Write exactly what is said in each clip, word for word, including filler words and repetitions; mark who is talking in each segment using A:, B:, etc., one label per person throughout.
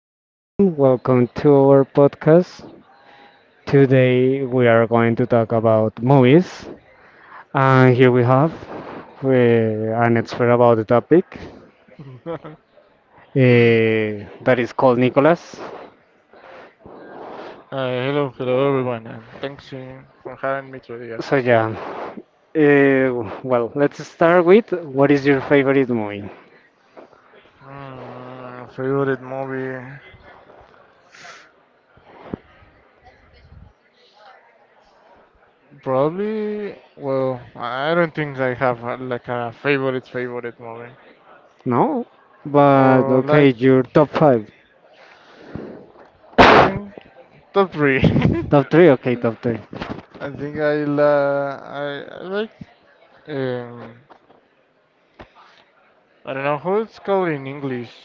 A: everyone. Welcome to our podcast. Today we are going to talk about movies. And here we have uh, an expert about the topic, uh, that is called Nicolas.
B: Uh, hello, hello everyone, and thanks uh, for having me today at
A: So,
B: here.
A: yeah. Uh, well, let's start with what is your favorite movie?
B: Mm, favorite movie? Probably. Well, I I don't think I have uh, like a favorite favorite movie,
A: No? But
B: or
A: okay,
B: like
A: your top five.
B: I think top three.
A: Top three? Okay, top three.
B: I think I la I, I like um I don't know how it's called in English.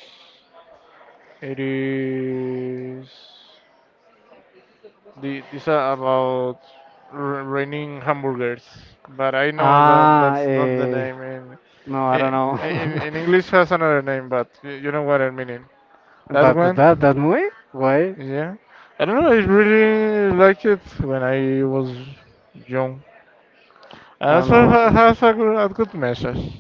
B: It is. The, these are about r- raining hamburgers, but I know that
A: Ah,
B: that's not the
A: eh,
B: name in
A: no, I don't
B: in, in
A: know.
B: in English has another name, but y- you know what I mean. That
A: That
B: one,
A: that that movie? Why?
B: yeah. I don't know. I really like it when I was young, and
A: I don't
B: also ha-
A: know.
B: has a good, a good message.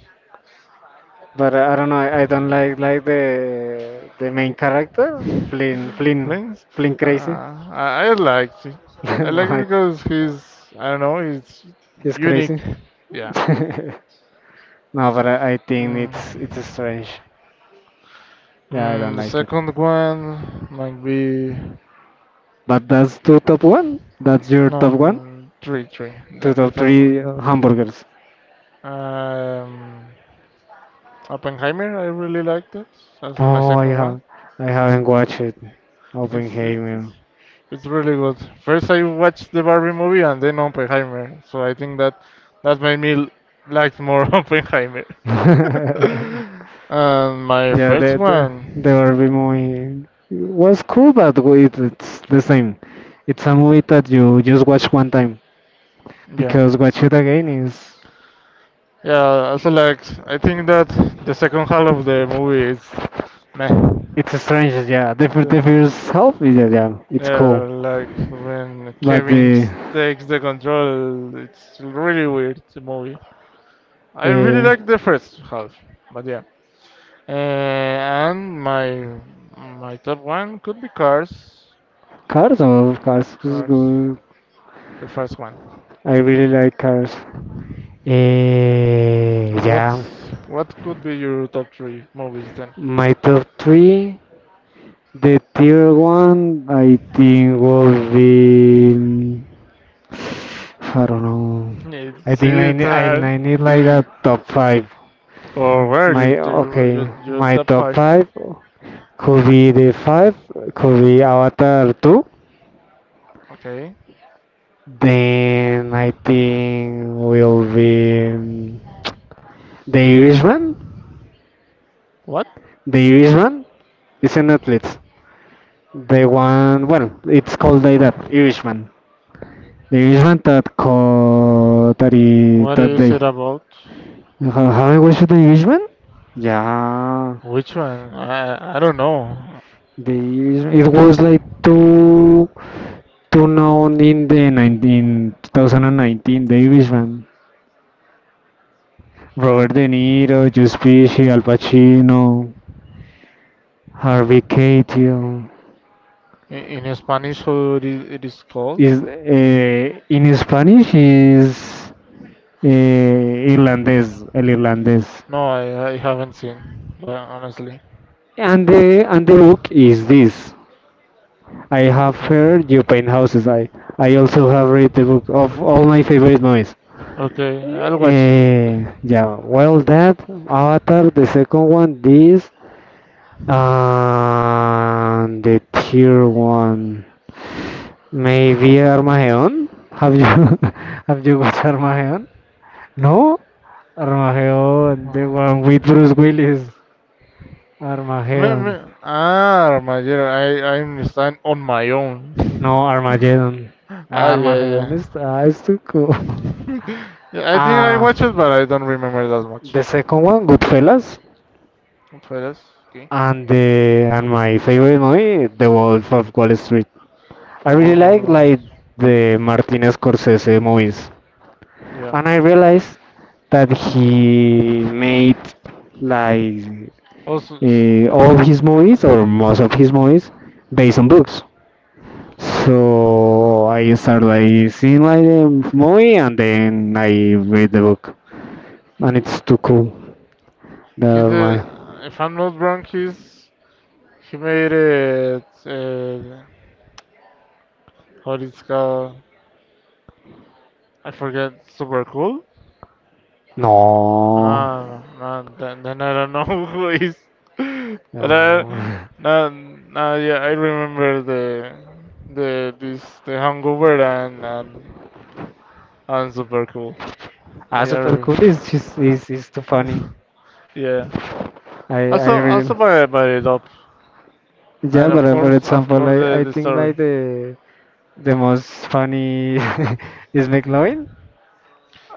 A: But uh, I don't know. I don't like like the the main character, Flynn Flynn
B: Links,
A: Flynn
B: uh,
A: crazy.
B: I, I liked it. I
A: No,
B: like it
A: I,
B: because he's I don't know. He's
A: he's
B: unique.
A: crazy.
B: Yeah.
A: No, but I, I think
B: Mm.
A: it's it's strange. Yeah, I
B: Mm,
A: don't
B: the
A: like it.
B: second one might be
A: But that's two top one. That's your
B: no
A: top one.
B: mm, three three.
A: Two
B: The, the
A: top
B: third
A: three,
B: one,
A: uh,
B: two.
A: hamburgers.
B: Um, Oppenheimer. I really liked it. That's my
A: Oh, I
B: second one.
A: have I haven't watched it.
B: It's it's it's
A: Oppenheimer.
B: it's really good. First I watched the Barbie movie and then Oppenheimer. So I think that that made me l- like more Oppenheimer. And my
A: Yeah,
B: first
A: that they the
B: one,
A: Barbie movie was cool, but it, it's the same. It's a movie that you just watch one time,
B: yeah.
A: because watch it again is
B: Yeah, so like I think that the second half of the movie is meh.
A: it's strange. Yeah, the fir-
B: Yeah,
A: the first half is, yeah, yeah, it's cool,
B: yeah, like when
A: but
B: Kevin
A: the
B: takes the control, it's really weird the movie. I really
A: uh,
B: like the first half, but yeah. Uh, and my my top one could be Cars.
A: Cars of Cars is
B: Cars,
A: good.
B: the first one.
A: I really like Cars. Eh, yeah,
B: What's what could be your top three movies then?
A: my top three. The tier one I think will be. I don't know. I
B: It's
A: think I
B: it's
A: ne- I
B: hard.
A: I need like a top five.
B: Or where you
A: My
B: you you
A: okay,
B: your
A: my
B: top
A: top
B: five?
A: five could be the five, could be Avatar two.
B: Okay.
A: Then I think will be, um, the Irishman.
B: What?
A: The Irishman is an Netflix. The one, well, it's called like that, Irishman. The Irishman that called that, i-
B: What
A: that
B: is
A: day.
B: it about?
A: Ha- Haven't watched the Irishman? Yeah,
B: Which one? I I don't know.
A: they, it was like too too known in the nineteen, two thousand nineteen, the Irishman. Robert De Niro, Joe Pesci, Al Pacino, Harvey Keitel.
B: I- In Spanish, how it is, it is called?
A: Is, uh, in Spanish is, uh, Irlandés, el irlandés.
B: No, I, I haven't seen. Yeah, honestly.
A: And the and the book is this. I have
B: Okay.
A: heard you paint houses. I I also have read the book of all my favorite movies.
B: Okay, I'll watch it someday.
A: Eh, yeah, well, that Avatar, the second one, this, and the tier one, maybe Armageddon. Have you have you watched Armageddon? No, Armageddon, the
B: Uh
A: one with Bruce Willis.
B: Me,
A: Armageddon,
B: me, ah, my dear, I I understand on my own.
A: no, Armageddon.
B: ah, yeah,
A: Armageddon
B: yeah.
A: is, ah, it's too cool.
B: Yeah. I think I
A: Ah,
B: watched it, but I don't remember that
A: the
B: much.
A: second one, Goodfellas,
B: But that's okay.
A: and the and my favorite movie, The Wolf of Wall Street. I
B: The
A: really
B: Wolf of
A: like
B: London.
A: like the Martin Scorsese movies,
B: Yeah.
A: and I realized that he made like,
B: Also, s-
A: uh, all his movies or most of his movies based on books. So I started like seeing like the movie and then I read the book, and it's too cool.
B: he
A: Never
B: did.
A: mind.
B: If I'm not wrong, he's he made it. Uh, what it's called? I forget. Super cool.
A: No,
B: Ah, no, then, then I don't know who is.
A: no.
B: But I,
A: no.
B: no, no, yeah, I remember the the this the Hangover and and, and Super cool.
A: Ah,
B: They
A: super
B: are.
A: cool is just is is too funny.
B: Yeah.
A: I I
B: Also,
A: really.
B: also by by it up,
A: Yeah,
B: and
A: but
B: of
A: uh, for
B: course, of
A: example,
B: course,
A: I,
B: the,
A: I
B: the
A: think like
B: story.
A: the the most funny is McLovin.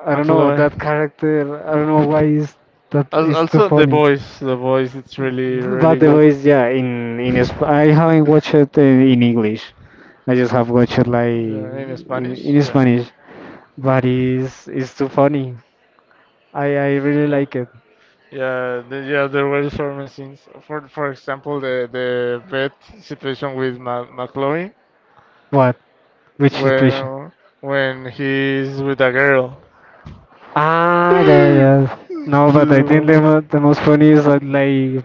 A: I don't know
B: McLovin.
A: that character. I don't know why is that
B: Al-
A: is too
B: Also, the
A: funny.
B: voice, the voice, it's really, really
A: But the
B: good
A: voice, yeah, in in Sp I haven't watched it uh, in English. I just have watched it like
B: uh, in
A: in
B: Spanish.
A: in
B: Yeah,
A: Spanish. But it's it's too funny. I I really
B: yeah,
A: like it.
B: yeah. The, yeah, there were certain scenes. For for example, the the bed situation with Ma- McLovin
A: What? Which situation?
B: when when he's with a girl.
A: Ah, yeah,
B: Do
A: yeah.
B: you
A: No, but I think the,
B: remember?
A: mo- the most funny is that, like,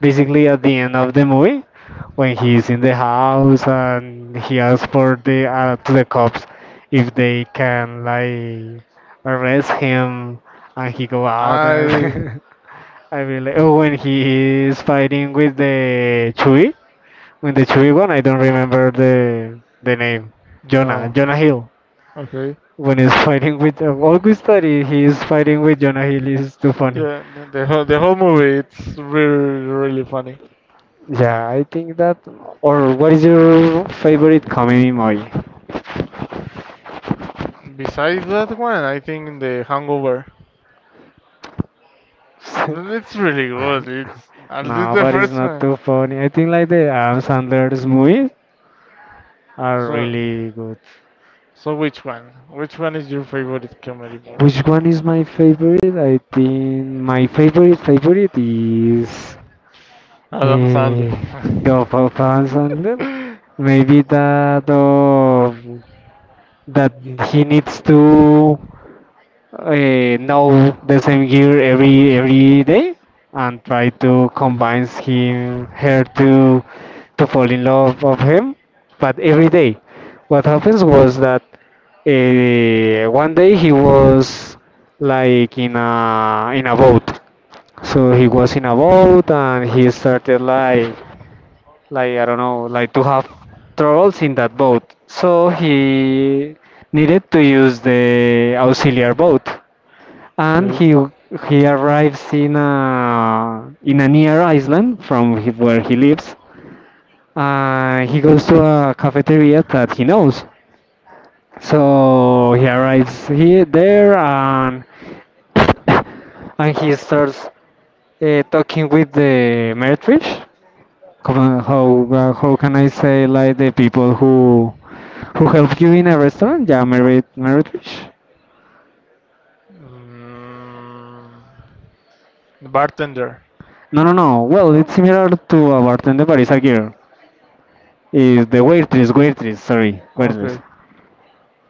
A: basically at the end of the movie, when he's in the house and he asks for the, uh, to the cops if they can like arrest him, and he go out,
B: I
A: and I really, oh, when he is fighting with the Chewie, when the Chewie one, I don't remember the the name, Jonah
B: no.
A: Jonah Hill,
B: Okay.
A: when he's fighting with, uh, August study, he's fighting with Jonah Hill, is too funny.
B: Yeah, the, the whole the whole movie it's really really funny.
A: Yeah, I think that, or what is your favorite comedy movie?
B: Besides that one, I think the Hangover. It's really good. It's at least
A: No,
B: the
A: but it's
B: first
A: not
B: one.
A: too funny. I think like the Adam Sandler's movies are
B: So,
A: really good.
B: so which one? Which one is your favorite comedy movie?
A: Which one is my favorite? I think my favorite favorite is,
B: Adam Sandler.
A: uh, the of Adam Sandler. Maybe that of that he needs to, uh, know the same gear every every day and try to convince him her to to fall in love of him, but every day what happens was that, uh, one day he was like in a in a boat, so he was in a boat and he started like like I don't know like to have troubles in that boat, so he needed to use the auxiliary boat, and
B: Okay.
A: he he arrives in a in a near island from he- where he lives. Uh, he goes to a cafeteria that he knows. So he arrives here there, and and he starts, uh, talking with the meretrish. Come on, how, uh, how can I say like the people who who help you in a restaurant? Yeah, merit meretrish.
B: Mm, the bartender.
A: No, no, no. Well, it's
B: No.
A: similar to a bartender, but it's a girl. Is the waitress, waitress, sorry, waitress.
B: Okay.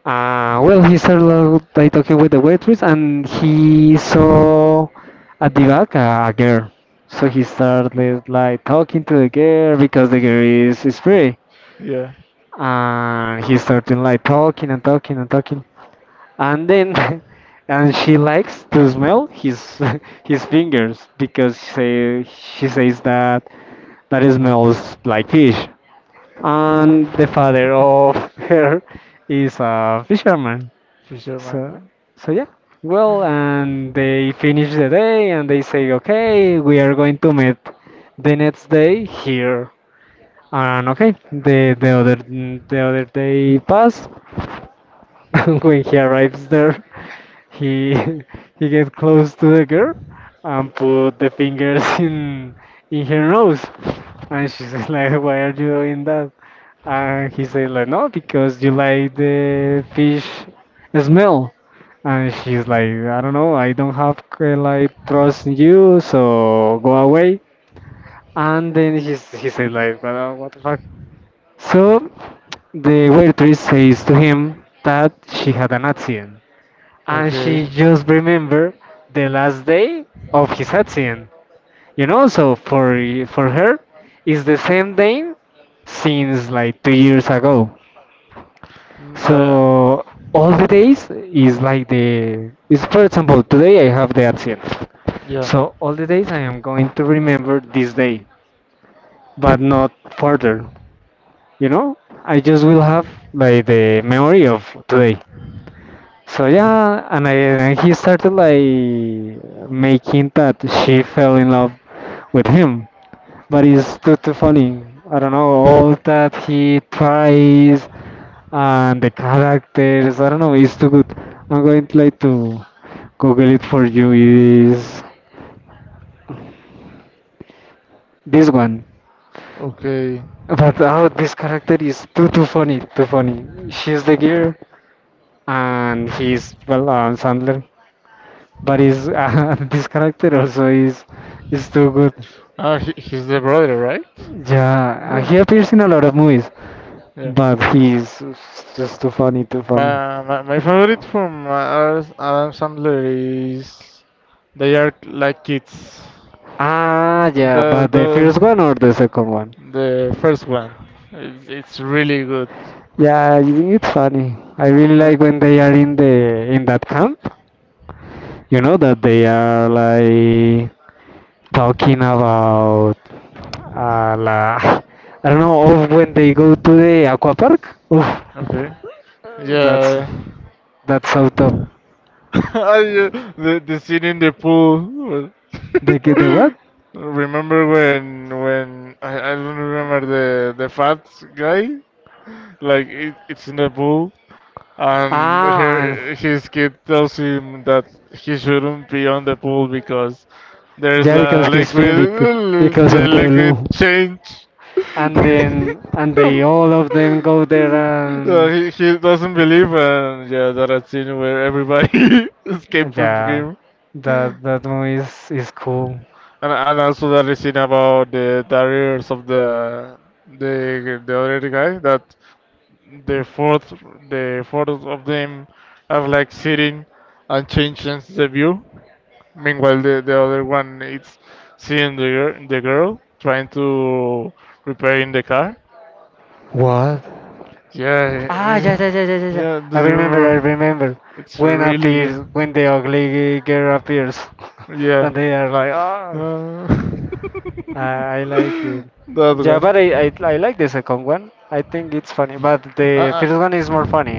A: Uh, well, he started by talking with the waitress, and he saw at the back, uh, a girl. So he started like talking to the girl because the girl is, is free.
B: Yeah.
A: And he started like talking and talking and talking. And then and she likes to smell his his fingers because she, she says that that it smells like fish. And the father of her is a fisherman. So,
B: Fisherman.
A: so yeah. Well, and they finish the day and they say, okay, we are going to meet the next day here. And okay, the the other the other day passed, when he arrives there, he he gets close to the girl and put the fingers in in her nose, and she says like, "Why are you doing that?" And he said like, "No, because you like the fish smell." And she's like, "I don't know, I don't have, uh, like trust in you, so go away." And then he s- he said like, "Well, what the fuck?" So the waitress says to him that she had an accident, and she
B: Okay.
A: just remembered the last day of his accident. You know, so for for her it's the same day since like two years ago.
B: Mm, uh,
A: So all the days is like the is, for example, today I have the accident.
B: yeah.
A: So all the days I am going to remember this day, but not further. You know, I just will have like the memory of today. So yeah, and I and he started like making that she fell in love with him, but it's too too funny. I don't know all that he tries and the characters. I don't know, it's too good. I'm going to like to Google it for you. Is this one?
B: Okay.
A: But, oh, this character is too too funny, too funny. She's the girl, and he's, well, Adam Sandler, but his, uh, this character also is is too good.
B: Ah, he, he's the brother, right?
A: Yeah, uh,
B: Yeah.
A: he appears in a lot of movies,
B: Yeah.
A: but he's just too funny, too funny.
B: My, my, my favorite from Adam Adam Sandler is They Are Like Kids.
A: Ah, yeah,
B: The
A: but the
B: the
A: first one or the second one?
B: the first one. It's, it's really good.
A: Yeah, I think it's funny. I really like when
B: Then-
A: they are in the in that camp. You know that they are like talking about, Uh, la, I don't know. Or when they go to the aqua park. Oof,
B: okay.
A: that's
B: Yeah.
A: that's so top.
B: I, uh, the the scene in the pool. Was-
A: They get the what?
B: Remember when when I, I don't remember the the fat guy. Like it, it's in the pool and
A: Ah, and
B: her, his kid tells him that he shouldn't be on the pool because there's
A: yeah,
B: la
A: because he's has been
B: liquid
A: bec- because
B: the
A: of the
B: liquid
A: blue.
B: change
A: And then and they all of them go there
B: so
A: and
B: he, he doesn't believe and yeah that a scene where everybody escaped from
A: yeah,
B: him
A: that that movie is is cool.
B: and, and also that is scene about the barriers of the the the other guy that the fourth the fourth of them are like sitting and changing the view. Meanwhile, the, the other one is seeing the gir- the girl trying to repairing the car.
A: What?
B: Yeah,
A: Ah, yeah,
B: eh,
A: yeah, yeah, yeah, yeah, yeah.
B: yeah. Do
A: I
B: you
A: remember, I
B: remember?
A: remember.
B: It's
A: When
B: really good.
A: appears, when the ugly girl appears,
B: Yeah,
A: and they are like, ah.
B: uh,
A: I, I like it.
B: that
A: Yeah, but
B: one.
A: I, I I like the second one. I think it's funny, but
B: I,
A: the
B: I,
A: first one is more funny.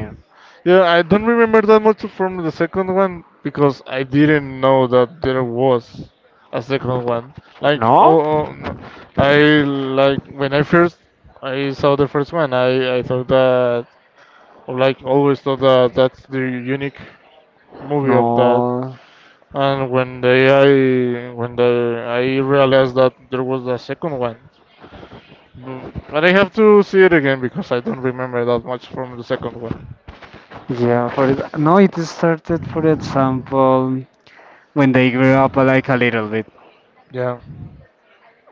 B: yeah, I don't remember that much from the second one because I didn't know that there was a second one. Like,
A: No?
B: oh, oh no. I like when I first I saw the first one. I I thought that like always thought that that's the unique movie of that.
A: No.
B: And when they I when the I realized that there was a second one, Bu- but I have to see it again because I don't remember that much from the second one.
A: Yeah, for it. No, it started, for example, when they grew up like a little bit.
B: Yeah,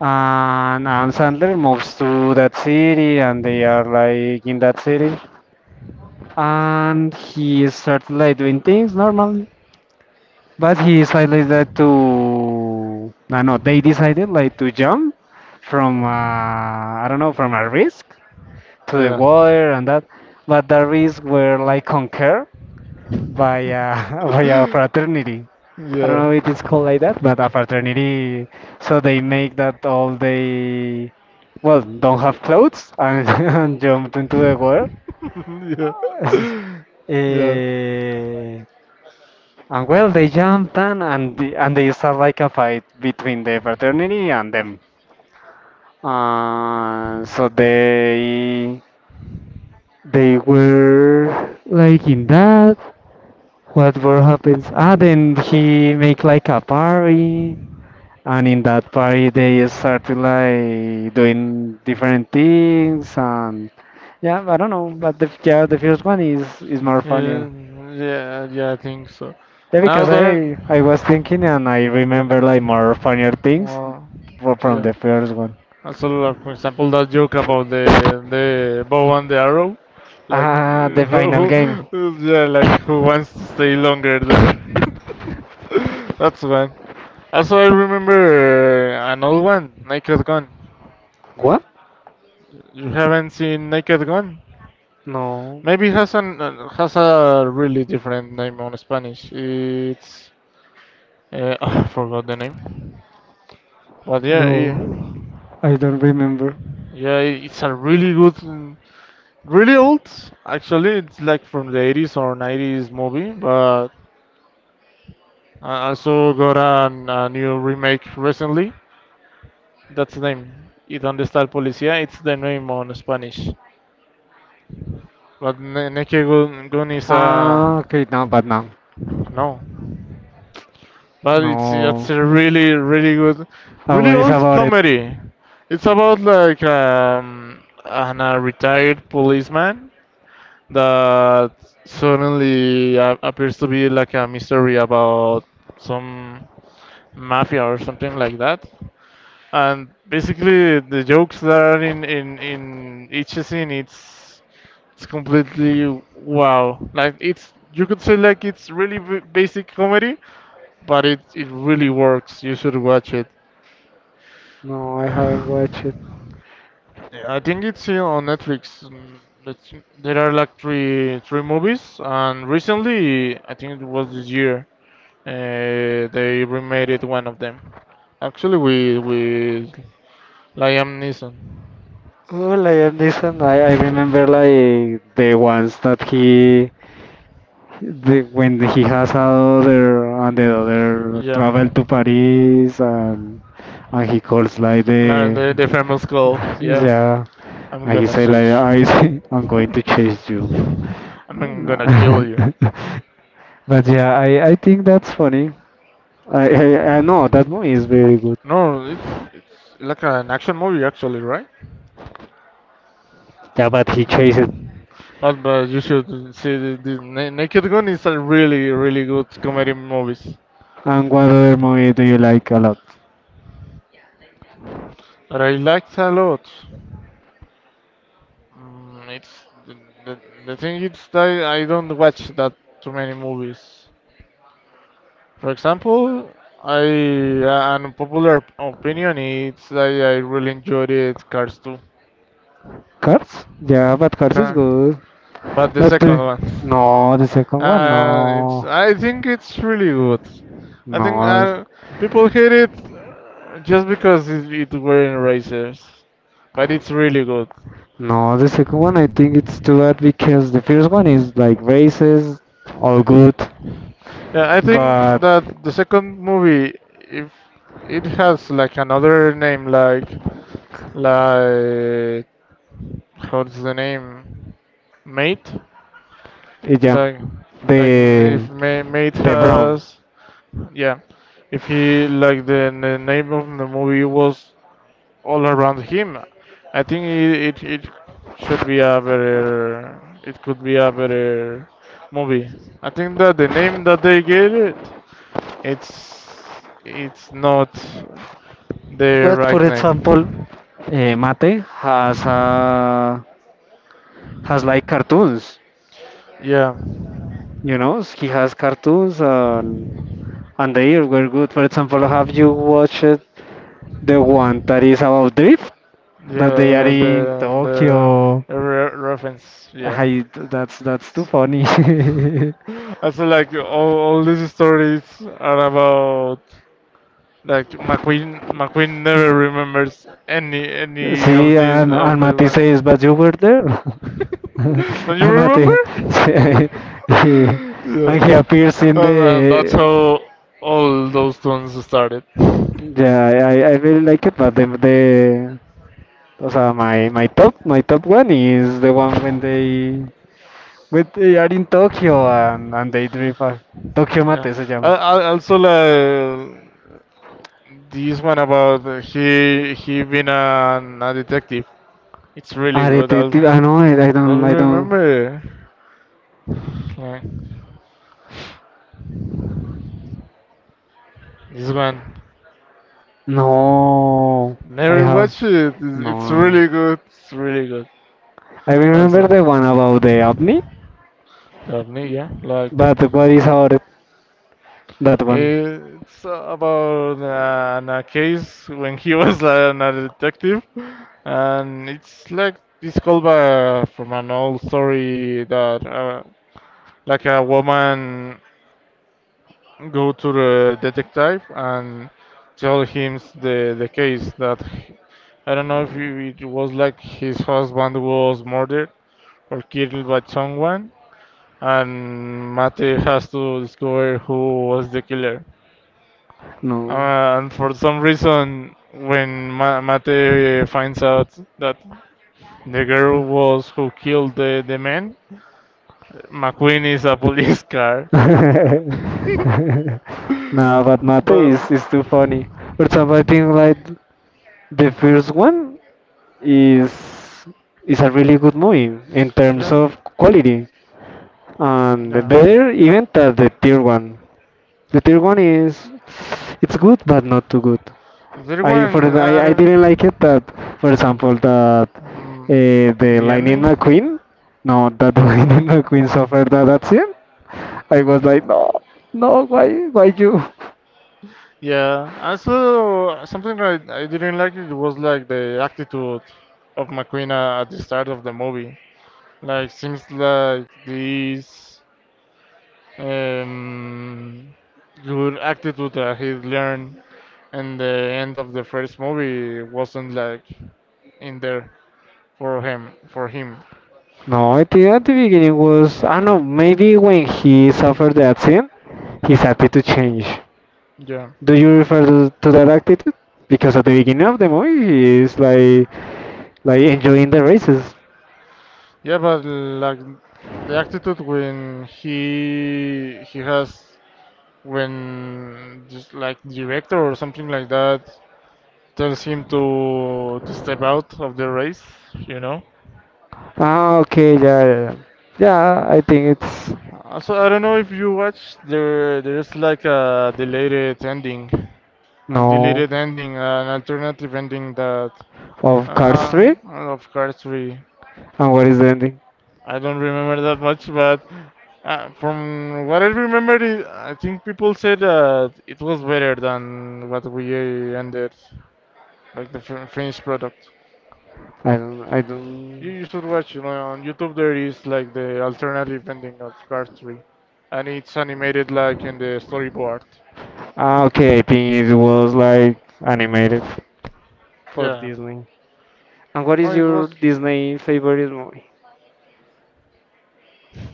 A: And Adam Sandler moves to that city, and they are like in that city. And he started like doing things normal, but he decided that to no no they decided like to jump from, uh, I don't know, from a risk to the
B: yeah,
A: water and that, but the risks were like conquered by, uh, by a fraternity. I don't
B: yeah,
A: know if it's called like that, but a fraternity, so they make that all they well don't have clothes, and and jumped into the water.
B: yeah, yeah.
A: Eh, and well, they jumped and and, the, and they start like a fight between the fraternity and them. Uh, so they they were like in that. What were happens? Ah, then he make like a party, and in that party they started like doing different things and yeah, I don't know, but the yeah the first one is is more funnier.
B: Uh, yeah, yeah, I think so.
A: Yeah,
B: Now
A: because
B: that,
A: I I was thinking and I remember like more funnier things
B: uh,
A: fro- from
B: yeah.
A: the first one.
B: Also, like, for example, that joke about the the bow and the arrow, like
A: Ah,
B: uh,
A: the final
B: who,
A: game.
B: who yeah, like who wants to stay longer there? That's one. Also, I remember uh, an old one, Naked Gun.
A: What?
B: You haven't seen Naked Gun?
A: No,
B: Maybe it has an uh, has a really different name on Spanish. It's uh, I forgot the name, but yeah, yeah,
A: no, I don't remember.
B: yeah. It's a really good really old. Actually, it's like from the eighties or nineties movie, but I also got an, a new remake recently. That's the name. Y donde está el policía? It's the name on Spanish. But Ne- Naked Gun, Gun is a
A: Ah, okay, no, but no.
B: no, but it's it's
A: No.
B: a really really good,
A: Oh,
B: really
A: what is
B: old
A: about it?
B: comedy. It's about like um, an, a retired policeman that suddenly a- appears to be like a mystery about some mafia or something like that. And basically, the jokes that are in in in each scene, it's it's completely wow. Like it's you could say like it's really b- basic comedy, but it it really works. You should watch it.
A: No, I haven't watched it.
B: Yeah, I think it's here on Netflix. Mm, that's- There are like three three movies, and recently, I think it was this year, uh, they remade it one of them. Actually, with with Liam Neeson.
A: Oh, like Liam Neeson, I, I remember like the ones that he the, when he has other and the other
B: Yeah,
A: travel to Paris and and he calls like
B: like
A: the
B: the the famous call. Yeah,
A: yeah
B: I'm
A: and he
B: gonna
A: said like
B: search.
A: I I'm going to chase you.
B: I'm
A: But
B: gonna kill you.
A: yeah, I I think that's funny. I I, I know that movie is very good.
B: No, it's it's like an action movie actually, right?
A: Yeah, but he
B: Yeah.
A: chases.
B: Not bad. You should see the, the Na- Naked Gun is a really really good comedy movies
A: And what other movie do you like a lot?
B: that I liked a lot. Mm, it's the, the, the thing is that I don't watch that too many movies. For example, I uh, an unpopular opinion is that I really enjoyed it Cars two.
A: Cars? Yeah, but Cars is
B: Ca-
A: good.
B: But the
A: But
B: second
A: the,
B: one.
A: no, the second one,
B: Uh, it's.
A: no.
B: I think it's really good. I think
A: No,
B: uh, people hate it uh, just because it, it wearing erasers, but it's really good.
A: no, the second one I think it's too bad because the first one is like racist, all good,
B: Yeah, I think
A: but
B: that the second movie, if it has like another name, like like how's the name, mate,
A: eh, yeah,
B: like like
A: the
B: if Ma- mate
A: the brown.
B: has yeah, if he like the, the name of the movie was all around him. I think it, it, it should be a better, it could be a better movie. I think that the name that they gave it, it's it's not the
A: But
B: right
A: for example,
B: name.
A: uh, Mate has uh, has like cartoons,
B: Yeah,
A: you know, he has cartoons and and they were good. For example, have you watched the one that is about drift that
B: yeah,
A: they are
B: the
A: in
B: the, the,
A: Tokyo?
B: the re- reference. Yeah,
A: Hi, that's that's too funny. See,
B: I feel like all, all these stories are about like McQueen. McQueen never remembers any any of these
A: and,
B: of
A: and
B: the
A: Mati
B: one.
A: says, but you were there.
B: Don't you
A: And Mati,
B: remember?
A: he, and
B: Yeah.
A: he appears in
B: And, and that's
A: the.
B: how all those tunes started.
A: Yeah, I, I I really like it, but the, the o sea, my my top my top one is the one when they when they are in Tokyo and and they drift. A- Tokyo
B: Yeah.
A: Mate se
B: I,
A: llama.
B: I also like this one about he he been an, a detective. It's really
A: Ah,
B: good. I
A: detective. Ah, no, I I don't
B: don't
A: I don't.
B: remember. Like, this one.
A: No, I
B: Never
A: have
B: watch it. It's it's
A: no.
B: really good. It's really good.
A: I remember
B: Also.
A: the one about the apnea,
B: Daphne, yeah. Like.
A: but what is our that one?
B: It's about an, a case when he was an, a detective, and it's like this callback from an old story that uh, like a woman go to the detective and tell him the the case that he- I don't know if it it was like his husband was murdered or killed by someone, and Mate has to discover who was the killer.
A: No.
B: Uh, and for some reason, when Ma- Mate uh, finds out that the girl was who killed the, the man, McQueen is a police car.
A: No, but Mate
B: But
A: is, is too funny. Or some I think like the first one is is a really good movie in terms
B: yeah,
A: of quality and
B: yeah.
A: better even than the third one. The third one is it's good but not too good.
B: There
A: I for
B: one,
A: the-
B: I
A: I, I didn't like
B: don't.
A: it that for example that
B: Mm,
A: uh, the
B: the
A: Lightning
B: ending?
A: McQueen no that the Lightning McQueen suffered that accident. I was like no no why why you
B: Yeah. Also, something I, I didn't like it was like the attitude of McQueen uh, at the start of the movie. Like, seems like this. um, good attitude that he learned in the end of the first movie wasn't like in there for him for him
A: no. I think at the beginning was I don't know maybe when he suffered the accident his attitude changed.
B: yeah
A: Do you refer to, to that attitude because at the beginning of the movie he is like like enjoying the races?
B: yeah but like the attitude when he he has when just like director or something like that tells him to to step out of the race you know
A: Ah, okay, yeah yeah, yeah. Yeah, I think it's
B: also I don't know if you watched there there's like a delayed ending a
A: no
B: deleted ending, uh, an alternative ending that, uh,
A: of Cars three?
B: uh, of Cars three.
A: And what is the ending?
B: I don't remember that much, but uh, from what I remember, it, I think people said that it was better than what we uh, ended, like the fin- finished product.
A: I don't. I
B: You,
A: don't.
B: you should watch, you know, on YouTube there is like the alternative ending of Cars three, and it's animated like in the storyboard.
A: Ah, okay. I think it was like animated for
B: Yeah,
A: Disney. And what
B: no,
A: is
B: it
A: your
B: was.
A: Disney favorite movie?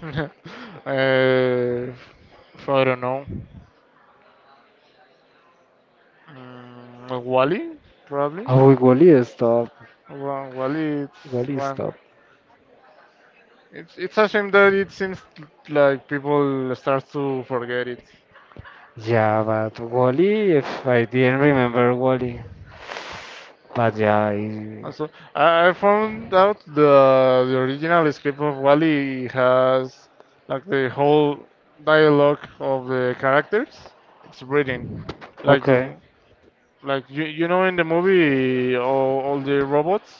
B: uh, I don't know. Mm, Wally, probably.
A: Oh, Wally, stop.
B: Wa- Wally, it's
A: Wally,
B: one.
A: stop.
B: It's it's a shame that it seems like people start to forget it.
A: Yeah, but Wally, if I didn't remember Wally, but yeah, I...
B: Also, I I found out the the original script of Wally has like the whole dialogue of the characters. It's written like
A: okay.
B: you- like you you know in the movie all, all the robots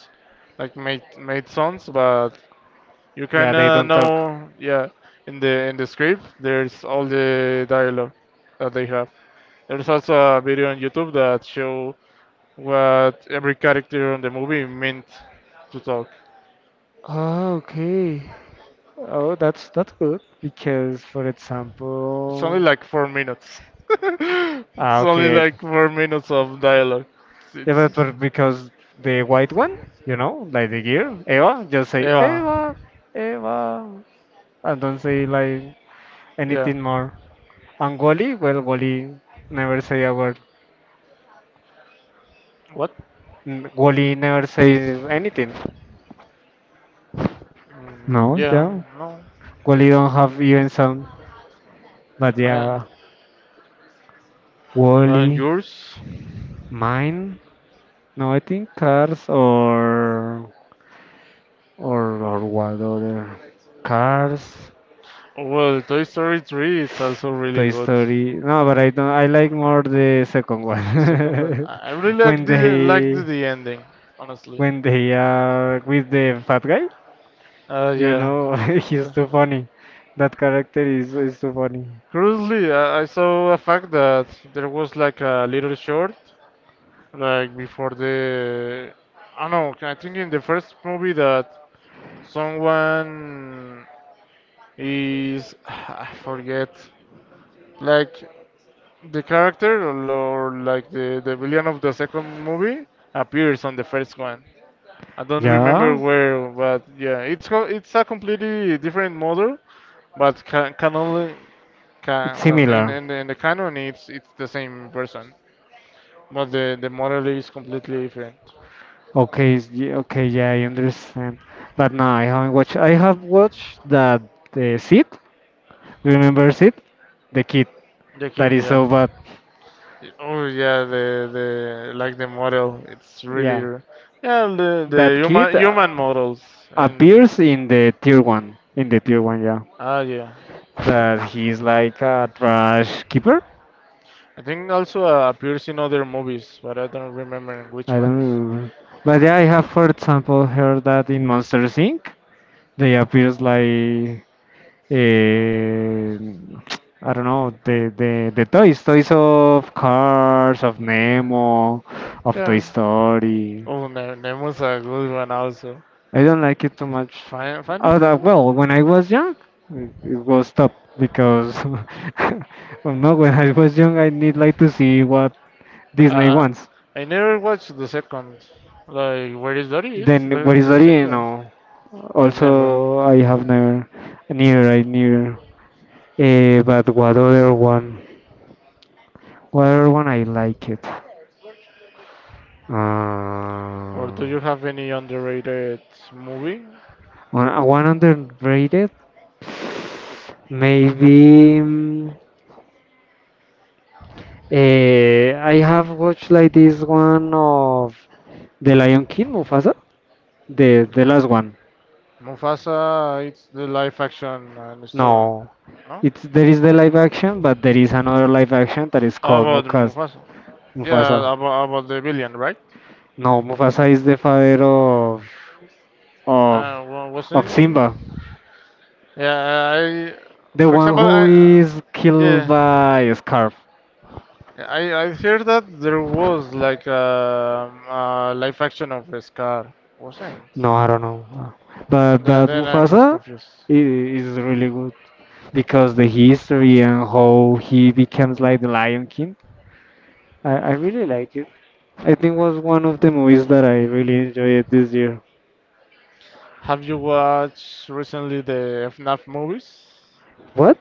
B: like made made sons, but you
A: Yeah,
B: can
A: they
B: uh,
A: don't talk.
B: know, yeah, in the in the script, there's all the dialogue that they have. There's also a video on YouTube that show what every character in the movie meant to talk.
A: Oh, okay. Oh, that's that's good because, for
B: It's only
A: example,
B: like four minutes.
A: ah,
B: It's
A: okay.
B: only like
A: I...
B: four minutes of dialogue. It's,
A: Yeah, but,
B: it's-
A: but because the white one, you know, like the gear Eva, just say
B: yeah,
A: Eva, Eva, and don't say like
B: yeah.
A: anything more. And Wally, well, Wally never say a word.
B: What?
A: N- Wally never says anything.
B: Mm,
A: No,
B: yeah,
A: yeah.
B: no.
A: Wally don't have even sound. But
B: I,
A: yeah,
B: and
A: Wally,
B: yours?
A: mine. No, I think cars or or or what other cars.
B: Well, Toy Story three it's also really
A: Toy
B: good.
A: Story. No, but I don't. I like more the second one.
B: Second one, I I really like
A: When
B: the like the,
A: they
B: the ending, honestly.
A: when they are with the fat guy,
B: Uh,
A: you
B: yeah.
A: know, he's
B: The-
A: too funny. That character is is too funny.
B: Curiously, I, I saw a fact that there was like a little short, like before the. I don't know. I think in the first movie that someone is I forget, like the character or, or like the the villain of the second movie appears on the first one. I don't remember
A: Yeah,
B: where, but yeah, it's co- it's a completely different model. But can can only
A: it's
B: can well, in,
A: similar.
B: in, the- in the canon, it's it's the same person, but the the model is completely different.
A: Okay, s- ye- okay, yeah, I understand. But no, I haven't watched. I have watched that uh, Sid. Do you remember Sid? The kid
B: The
A: that
B: kid,
A: is
B: yeah.
A: so bad.
B: Oh yeah, the the like the model, it's really,
A: Yeah,
B: r- yeah, the the
A: that kid
B: human human
A: uh,
B: models and
A: appears in the tier one. In the tier one, yeah.
B: ah yeah.
A: That he's like a trash keeper.
B: I think also uh, appears in other movies, but I don't remember which
A: I
B: ones.
A: don't know. But yeah, I have, for example, heard that in Monsters inc they appears like uh, I don't know the, the the toys, toys of Cars, of Nemo, of Toy
B: Yeah.
A: Story.
B: Oh, Ne- Nemo's a good one also.
A: I don't like it too much.
B: Find find it
A: Oh, that,
B: Nemo.
A: well, when I was young, it it was top because well, no, when I was young, I need like to see what Disney
B: Uh,
A: wants.
B: I never watched the second. Like, Where Is Dory? It's
A: Then what
B: the
A: is
B: the
A: that? You
B: sequel.
A: know,
B: I never.
A: also I have never, neither I neither. Uh, but what other one? What other one I like it? Uh,
B: Or do you have any underrated movie?
A: One, uh, one underrated. Maybe mm, eh, I have watched like this one of The Lion King, Mufasa, the the
B: Okay.
A: last one.
B: Mufasa. It's the live action and story.
A: No,
B: No.
A: it's there is the live action, but there is another live action that is called
B: About
A: Mukas,
B: Mufasa.
A: Mufasa.
B: Yeah, about about the villain, right?
A: No, Mufasa is the father of of
B: Uh, wa-
A: of
B: wasn't.
A: Simba,
B: Yeah, I.
A: the
B: For
A: one
B: example,
A: who
B: I. uh,
A: is killed
B: Yeah,
A: by Scarf.
B: I I heard that there was like a, a live action of Scar, wasn't?
A: No, I don't know, but
B: Then,
A: that
B: then I'm just
A: Mufasa
B: confused.
A: I- is really good because the history and how he becomes like the Lion King. I, I really like it. I think was one of the movies that I really enjoyed this year.
B: Have you watched recently the F NAF movies?
A: What?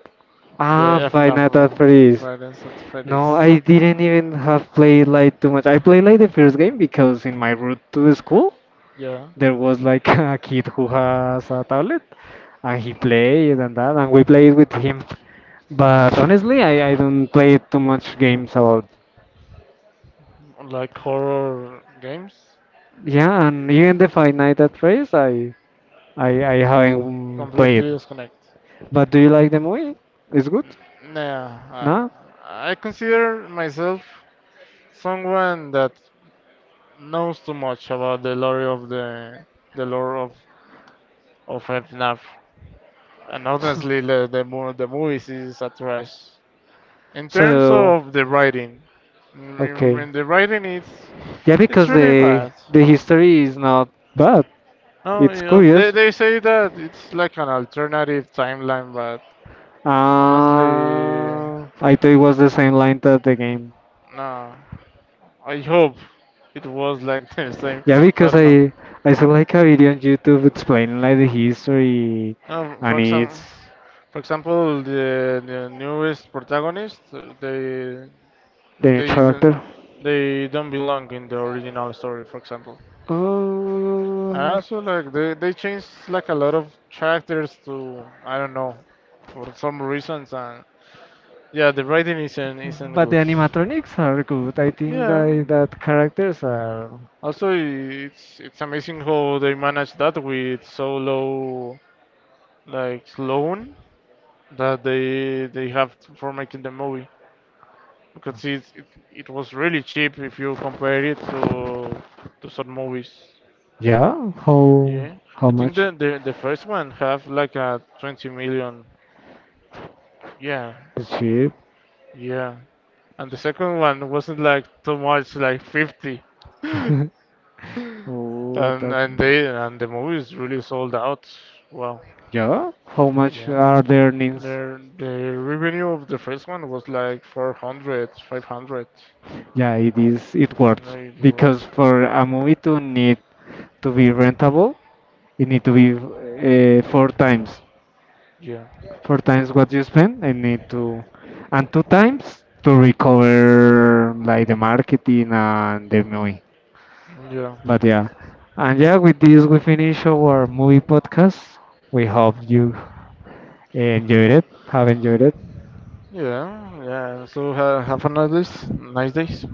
A: Ah,
B: The
A: Five
B: FNAF
A: Nights at
B: mo-
A: Freddy's.
B: Fridays at
A: No,
B: Freddy's.
A: I didn't even have played like too much. I played like the first game because in my route to the school,
B: Yeah,
A: there was like a kid who has a tablet and he played and that and we played with him but honestly i, I don't play too much games about
B: like horror games.
A: yeah and even the five night at Freddy's i i i haven't played
B: Completely disconnect.
A: but do you like the movie? It's good
B: Nah,
A: no
B: I, I consider myself someone that knows too much about the lore of the the lore of of F NAF. And
A: so,
B: honestly, the the, mo- the movies is a trash. In terms
A: so
B: of the writing, mm,
A: okay
B: when the writing is,
A: yeah
B: it's
A: because
B: really
A: the
B: bad.
A: the history is not bad.
B: No,
A: It's
B: you know, they,
A: curious
B: they say that it's like an alternative timeline, but
A: uh,
B: honestly,
A: I thought it was the same line that the game.
B: no. I hope it was like the same,
A: Yeah,
B: but
A: because
B: no.
A: I I saw like a video on YouTube explaining like the history
B: No,
A: and
B: for
A: it's
B: example, for example, the, the newest protagonist, uh, they
A: the new
B: they d-
A: character.
B: they don't belong in the original story. For example, and
A: Oh,
B: also, like they they changed like a lot of characters to I don't know for some reasons, and yeah, the writing isn't isn't
A: but the
B: good.
A: animatronics are good. I think
B: Yeah.
A: that that characters are
B: Also, it's it's amazing how they manage that with so low like loan that they they have for making the movie because it's, it it was really cheap if you compare it to to some movies.
A: yeah. How
B: Yeah, I
A: how
B: think
A: much?
B: the the, the first one have like a twenty million. Yeah,
A: It's cheap.
B: yeah. And the second one wasn't like too much, like fifty.
A: Oh,
B: And
A: that
B: and they and the movies really sold out. Well,
A: yeah. How much
B: yeah.
A: are the earnings?
B: Their the revenue of the first one was like four hundred, five hundred, five hundred.
A: Yeah, it is. It
B: And
A: works
B: they do,
A: because for a movie to need to be rentable, it need to be uh, four times,
B: yeah,
A: four times what you spend. I need to, and two times to recover like the marketing and the movie.
B: yeah,
A: But yeah, and yeah, with this we finish our movie podcast. We hope you enjoyed it, have enjoyed it,
B: yeah, yeah. So uh, have a nice days, nice days.